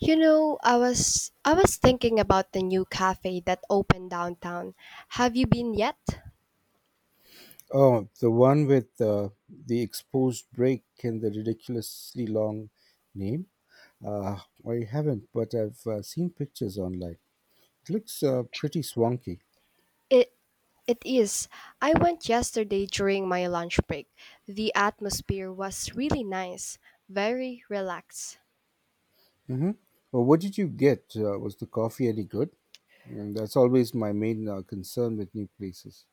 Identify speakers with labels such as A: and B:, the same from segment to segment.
A: You know, I was thinking about the new cafe that opened downtown. Have you been yet?
B: Oh, the one with the exposed break and the ridiculously long name. Uh, I haven't, but I've seen pictures online. It looks pretty swanky.
A: It it is. I went yesterday during my lunch break. The atmosphere was really nice, very relaxed.
B: Mm-hmm. Well, what did you get? Was the coffee any good? And that's always my main concern with new places.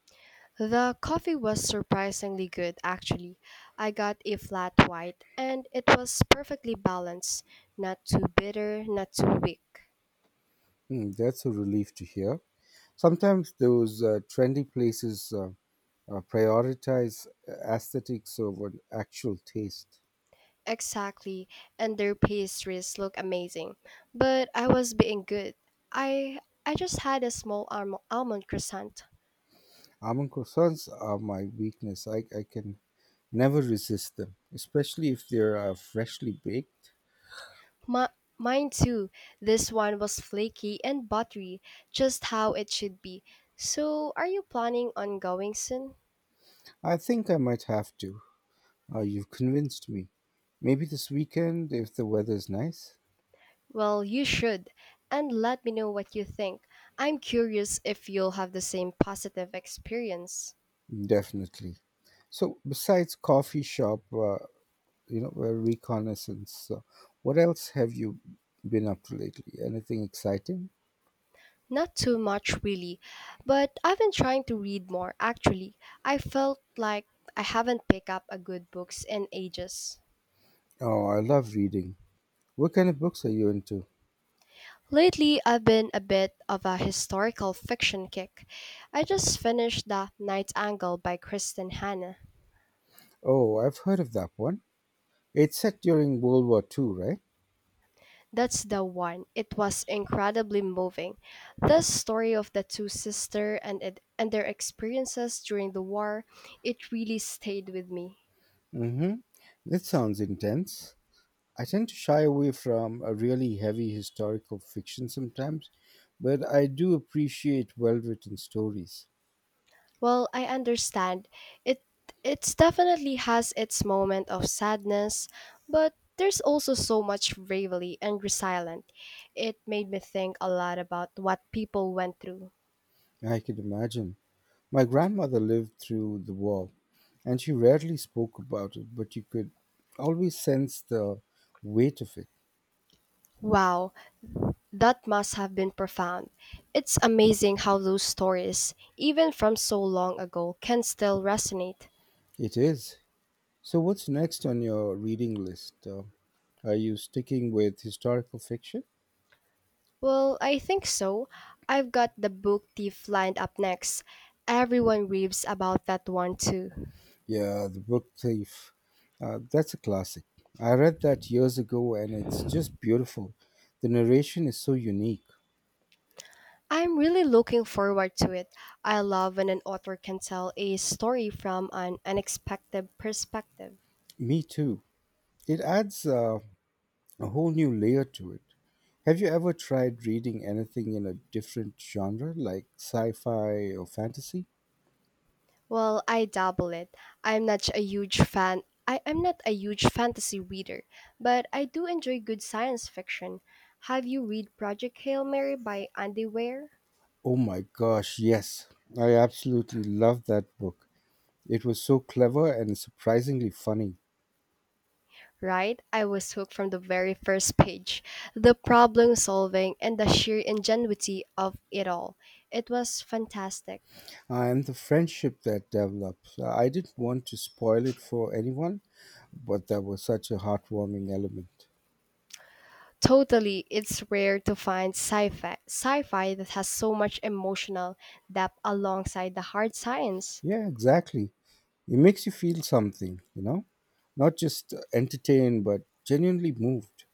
A: The coffee was surprisingly good actually. I got a flat white and it was perfectly balanced, not too bitter, not too weak.
B: Hmm, that's a relief to hear. Sometimes those trendy places prioritize aesthetics over actual taste.
A: Exactly, and their pastries look amazing. But I was being good. I I just had a small almond croissant.
B: Almond croissants are my weakness. I can never resist them, especially if they're freshly baked.
A: My, mine too. This one was flaky and buttery, just how it should be. So, are you planning on going soon?
B: I think I might have to. You've convinced me. Maybe this weekend, if the weather's nice.
A: Well, you should, and let me know what you think. I'm curious if you'll have the same positive experience.
B: Definitely. So, besides coffee shop, reconnaissance, what else have you been up to lately? Anything exciting?
A: Not too much, really, but I've been trying to read more, actually. I felt like I haven't picked up a good books in ages.
B: Oh, I love reading. What kind of books are you into?
A: Lately, I've been a bit of a historical fiction kick. I just finished The Night Angle by Kristen Hanna.
B: Oh, I've heard of that one. It's set during World War Two, right?
A: That's the one. It was incredibly moving. The story of the two sisters and their experiences during the war, it really stayed with me.
B: Mm-hmm. That sounds intense. I tend to shy away from a really heavy historical fiction sometimes, but I do appreciate well written stories.
A: Well, I understand. It it's definitely has its moment of sadness, but there's also so much bravery and resilience. It made me think a lot about what people went through.
B: I can imagine. My grandmother lived through the war, and she rarely spoke about it, but you could always sense the weight of it.
A: Wow, that must have been profound. It's amazing how those stories, even from so long ago, can still resonate.
B: It is. So, what's next on your reading list? Are you sticking with historical fiction?
A: Well, I think so. I've got the book thief lined up next. Everyone raves about that one too.
B: Yeah, The Book Thief. That's a classic. I read that years ago and it's just beautiful. The narration is so unique.
A: I'm really looking forward to it. I love when an author can tell a story from an unexpected perspective.
B: Me too. It adds a whole new layer to it. Have you ever tried reading anything in a different genre, like sci fi or fantasy?
A: Well, I dabble it. I'm not a huge fan. I am not a huge fantasy reader, but I do enjoy good science fiction. Have you read Project Hail Mary by Andy Weir?
B: Oh my gosh, yes. I absolutely loved that book. It was so clever and surprisingly funny.
A: Right? I was hooked from the very first page. The problem solving and the sheer ingenuity of it all. It was fantastic.
B: And the friendship that develops. I didn't want to spoil it for anyone, but there was such a heartwarming element.
A: Totally, it's rare to find sci-fi that has so much emotional depth alongside the hard science.
B: Yeah, exactly. It makes you feel something, you know, not just entertained, but genuinely moved.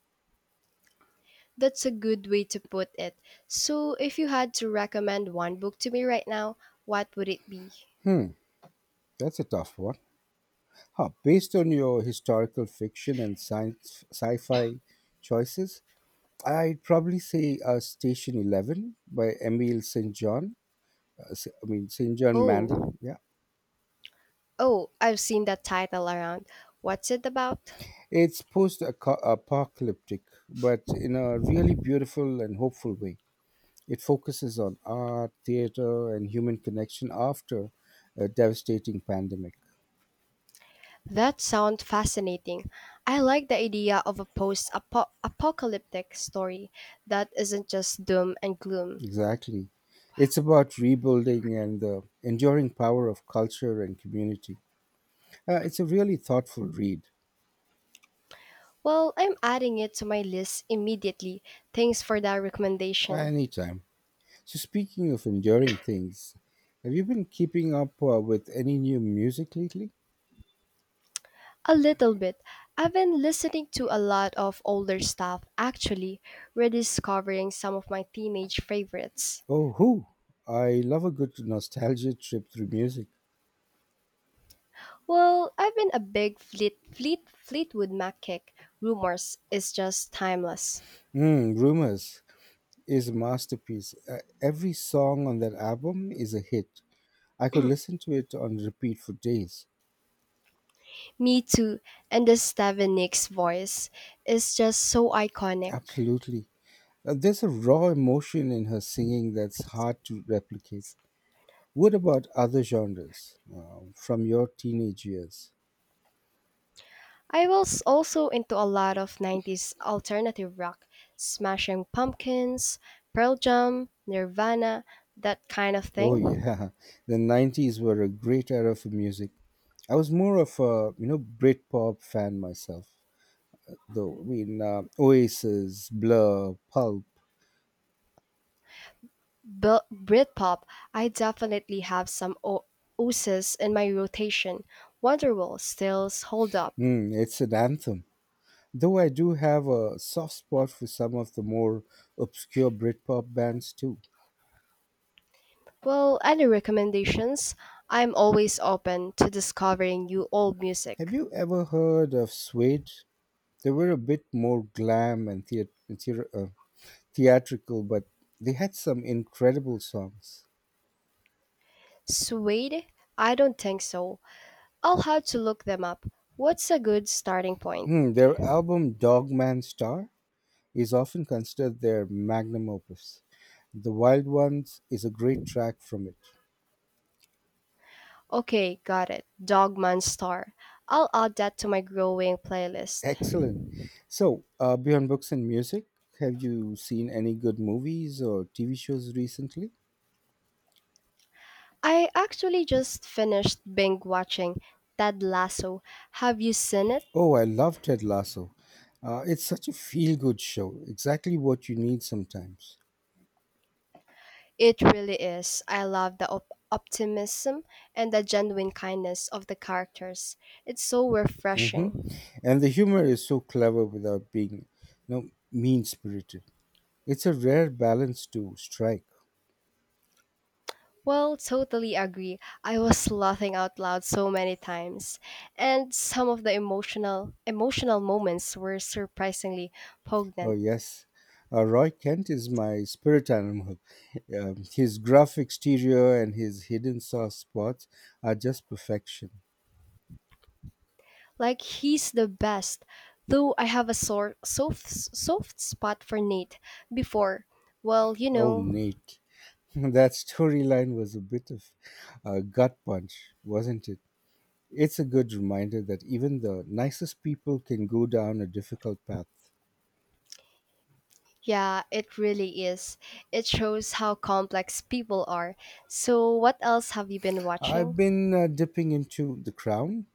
A: That's a good way to put it. So, if you had to recommend one book to me right now, what would it be?
B: Hmm, that's a tough one. Huh, based on your historical fiction and science sci-fi choices, I'd probably say Station Eleven by Emil St. John. I mean St. John Mandel.
A: Oh,
B: Yeah,
A: oh, I've seen that title around. What's it about?
B: it's post-apocalyptic, but in a really beautiful and hopeful way. It focuses on art, theater, and human connection after a devastating pandemic.
A: That sounds fascinating. I like the idea of a post-apocalyptic story that isn't just doom and gloom.
B: Exactly. It's about rebuilding and the enduring power of culture and community. It's a really thoughtful read.
A: Well, I'm adding it to my list immediately. Thanks for that recommendation.
B: Anytime. So, speaking of enduring things, have you been keeping up with any new music lately?
A: A little bit. I've been listening to a lot of older stuff, actually, rediscovering some of my teenage favorites.
B: Oh, who? I love a good nostalgia trip through music.
A: Well, I've been a big Fleetwood Mac kick. Rumors is just timeless.
B: Mm, Rumors is a masterpiece. Every song on that album is a hit. I could listen to it on repeat for days.
A: Me too, and the Stevie Nicks voice is just so iconic.
B: Absolutely. There's a raw emotion in her singing that's hard to replicate. What about other genres from your teenage years?
A: I was also into a lot of 90s alternative rock, Smashing Pumpkins, Pearl Jam, Nirvana, that kind of
B: Oh
A: thing.
B: yeah, the 90s were a great era for music. I was more of a, Britpop fan myself. Though, Oasis, Blur, Pulp.
A: Britpop, I definitely have some oozes in my rotation. Wonderwall still hold up.
B: Mm, it's an anthem. Though I do have a soft spot for some of the more obscure Britpop bands too.
A: Well, any recommendations? I'm always open to discovering new old
B: Have
A: music.
B: you ever heard of Suede? They were a bit more glam and thea- uh, theatrical, but they had some incredible songs.
A: Suede? I don't think so. I'll have to look them up. What's a good starting point?
B: Hmm, their album Dogman Star is often considered their magnum opus. The Wild Ones is a great track from it.
A: Okay, got it. Dogman Star. I'll add that to my growing playlist.
B: Excellent. So, beyond books and music, have you seen any good movies or TV shows recently?
A: I actually just finished binge watching Ted Lasso. Have you seen it?
B: Oh, I love Ted Lasso. It's such a feel good show, exactly what you need sometimes.
A: It really is. I love the optimism and the genuine kindness of the characters. It's so
B: Hmm.
A: refreshing.
B: And the humor is so clever without being, you know, mean spirited. It's a rare balance to strike.
A: Well, totally agree. I was laughing out loud so many times, and some of the emotional moments were surprisingly
B: Oh,
A: poignant.
B: yes. Roy Kent is my spirit animal. His gruff exterior and his hidden soft spots are just perfection.
A: Like he's the best. Though I have a sort soft soft spot for Nate before. Well, you
B: Oh,
A: know,
B: Nate. That storyline was a bit of a gut punch, wasn't it? It's a good reminder that even the nicest people can go down a difficult path.
A: yeah, it really is. It shows how complex people are. So, what else have you been
B: I've
A: watching?
B: been dipping into The Crown.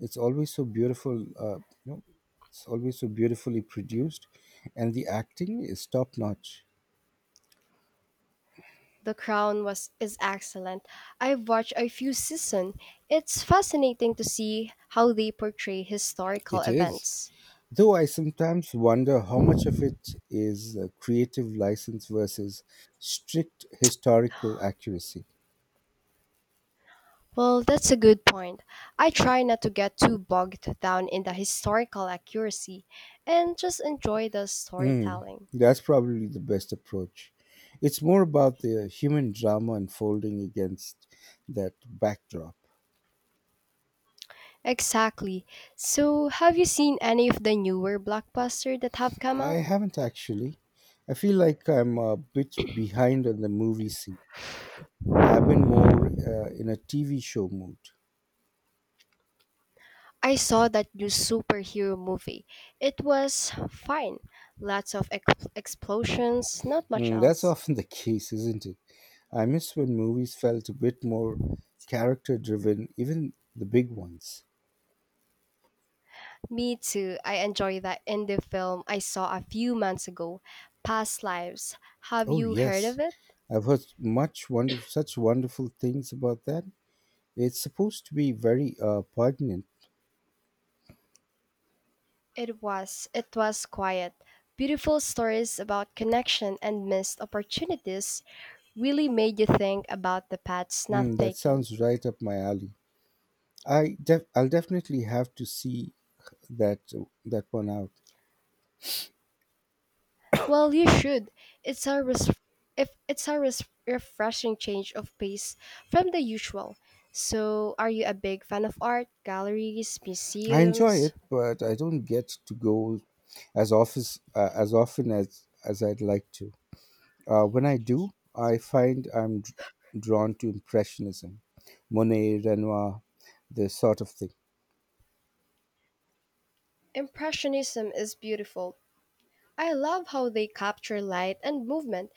B: It's always so beautiful, uh, you know, it's always so beautifully produced, and the acting is top notch.
A: The Crown was is excellent. I've watched a few seasons. It's fascinating to see how they portray historical
B: It is.
A: events.
B: Though I sometimes wonder how much of it is creative license versus strict historical accuracy.
A: Well, that's a good point. I try not to get too bogged down in the historical accuracy and just enjoy the
B: Mm,
A: storytelling.
B: that's probably the best approach. It's more about the human drama unfolding against that backdrop.
A: Exactly. So, have you seen any of the newer blockbusters that have come
B: I
A: out?
B: haven't actually. I feel like I'm a bit behind on the movie scene. I've been more in a TV show mood.
A: I saw that new superhero movie. It was fine. Lots of explosions, not much
B: Mm, that's
A: else.
B: often the case, isn't it? I miss when movies felt a bit more character driven, even the big ones.
A: Me too. I enjoy that indie film I saw a few months ago, Past Lives. Have
B: Oh,
A: you heard
B: yes.
A: of it?
B: I've heard such wonderful things about that. It's supposed to be very poignant.
A: It was. It was quiet. Beautiful stories about connection and missed opportunities really made you think about the paths not
B: Mm, that
A: taken.
B: sounds right up my alley. I'll definitely have to see that that one out.
A: Well, you should. It's a res- if it's a res- refreshing change of pace from the usual. So, are you a big fan of art, galleries,
B: I enjoy
A: museums?
B: it, but I don't get to go as often as I'd like to. When I do, I find I'm d- drawn to impressionism, Monet, Renoir, this sort of thing.
A: Impressionism is beautiful. I love how they capture light and movement.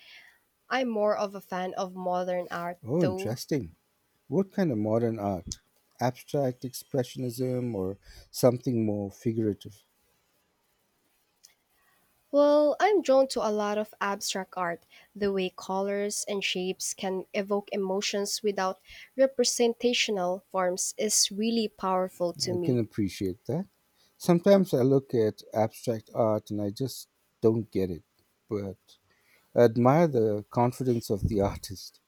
A: I'm more of a fan of modern art,
B: Oh,
A: though.
B: interesting. What kind of modern art? Abstract expressionism or something more figurative?
A: Well, I'm drawn to a lot of abstract art, the way colors and shapes can evoke emotions without representational forms is really powerful to
B: I
A: me.
B: can appreciate that. Sometimes I look at abstract art and I just don't get it, but I admire the confidence of the artist.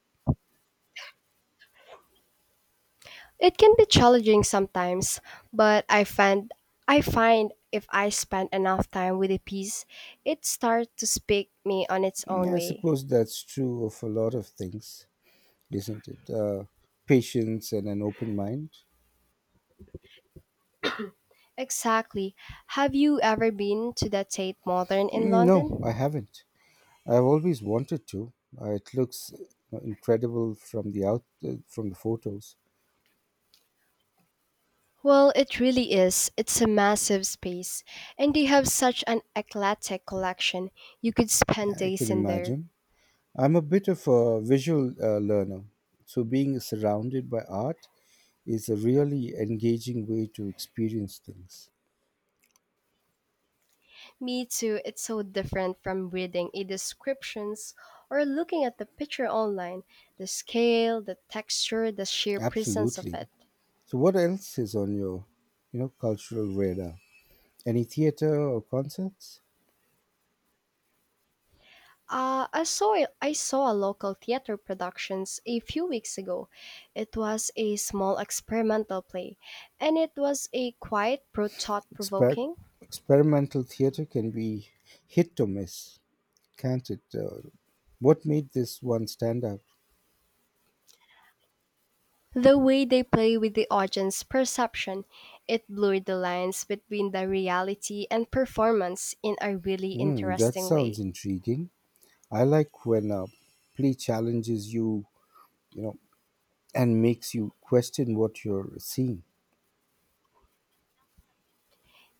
A: It can be challenging sometimes, but I find if I spend enough time with a piece, it starts to speak me on its own
B: Mm, I
A: way.
B: suppose that's true of a lot of things, isn't it? Patience and an open mind.
A: Exactly. Have you ever been to the Tate Modern in
B: Mm, no, I
A: London?
B: haven't. I've always wanted to. It looks incredible from the photos.
A: Well, it really is. It's a massive space, and they have such an eclectic collection. You could spend
B: Yeah, I
A: days
B: can
A: in there.
B: imagine. I'm a bit of a visual learner, so being surrounded by art is a really engaging way to experience things.
A: Me too, it's so different from reading a descriptions or looking at the picture online. The scale, the texture, the sheer presence of
B: Absolutely.
A: it.
B: So what else is on your, you know, cultural radar? Any theater or concerts?
A: I saw I saw a local theater productions a few weeks ago. It was a small experimental play, and it was a quite pro thought
B: Exper-
A: provoking.
B: Experimental theater can be hit or miss, can't it? What made this one stand out?
A: The way they play with the audience perception, it blurred the lines between the reality and performance in a really
B: Hmm, that
A: interesting
B: sounds
A: way.
B: intriguing. I like when a play challenges you, you know, and makes you question what you're seeing.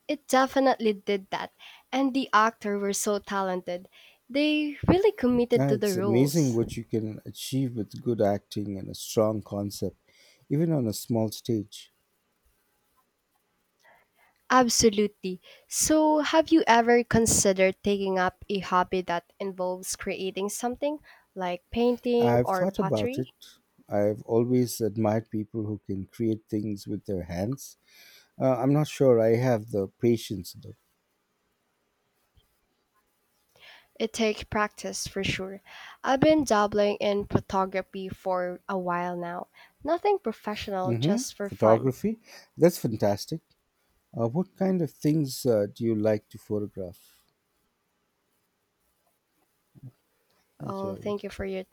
A: It definitely did that, and the actors were so talented. They really committed
B: Yeah,
A: to the
B: it's amazing
A: roles.
B: what you can achieve with good acting and a strong concept, even on a small stage.
A: Absolutely. So, have you ever considered taking up a hobby that involves creating something like painting
B: I've
A: or
B: thought about
A: pottery?
B: it. I've always admired people who can create things with their hands. I'm not sure I have the patience though.
A: It takes practice for sure. I've been dabbling in photography for a while now. Nothing professional,
B: Hmm.
A: just for fun.
B: Photography? That's fantastic. What kind of things do you like to photograph? Thank you,
A: Oh,
B: Abby.
A: thank you for your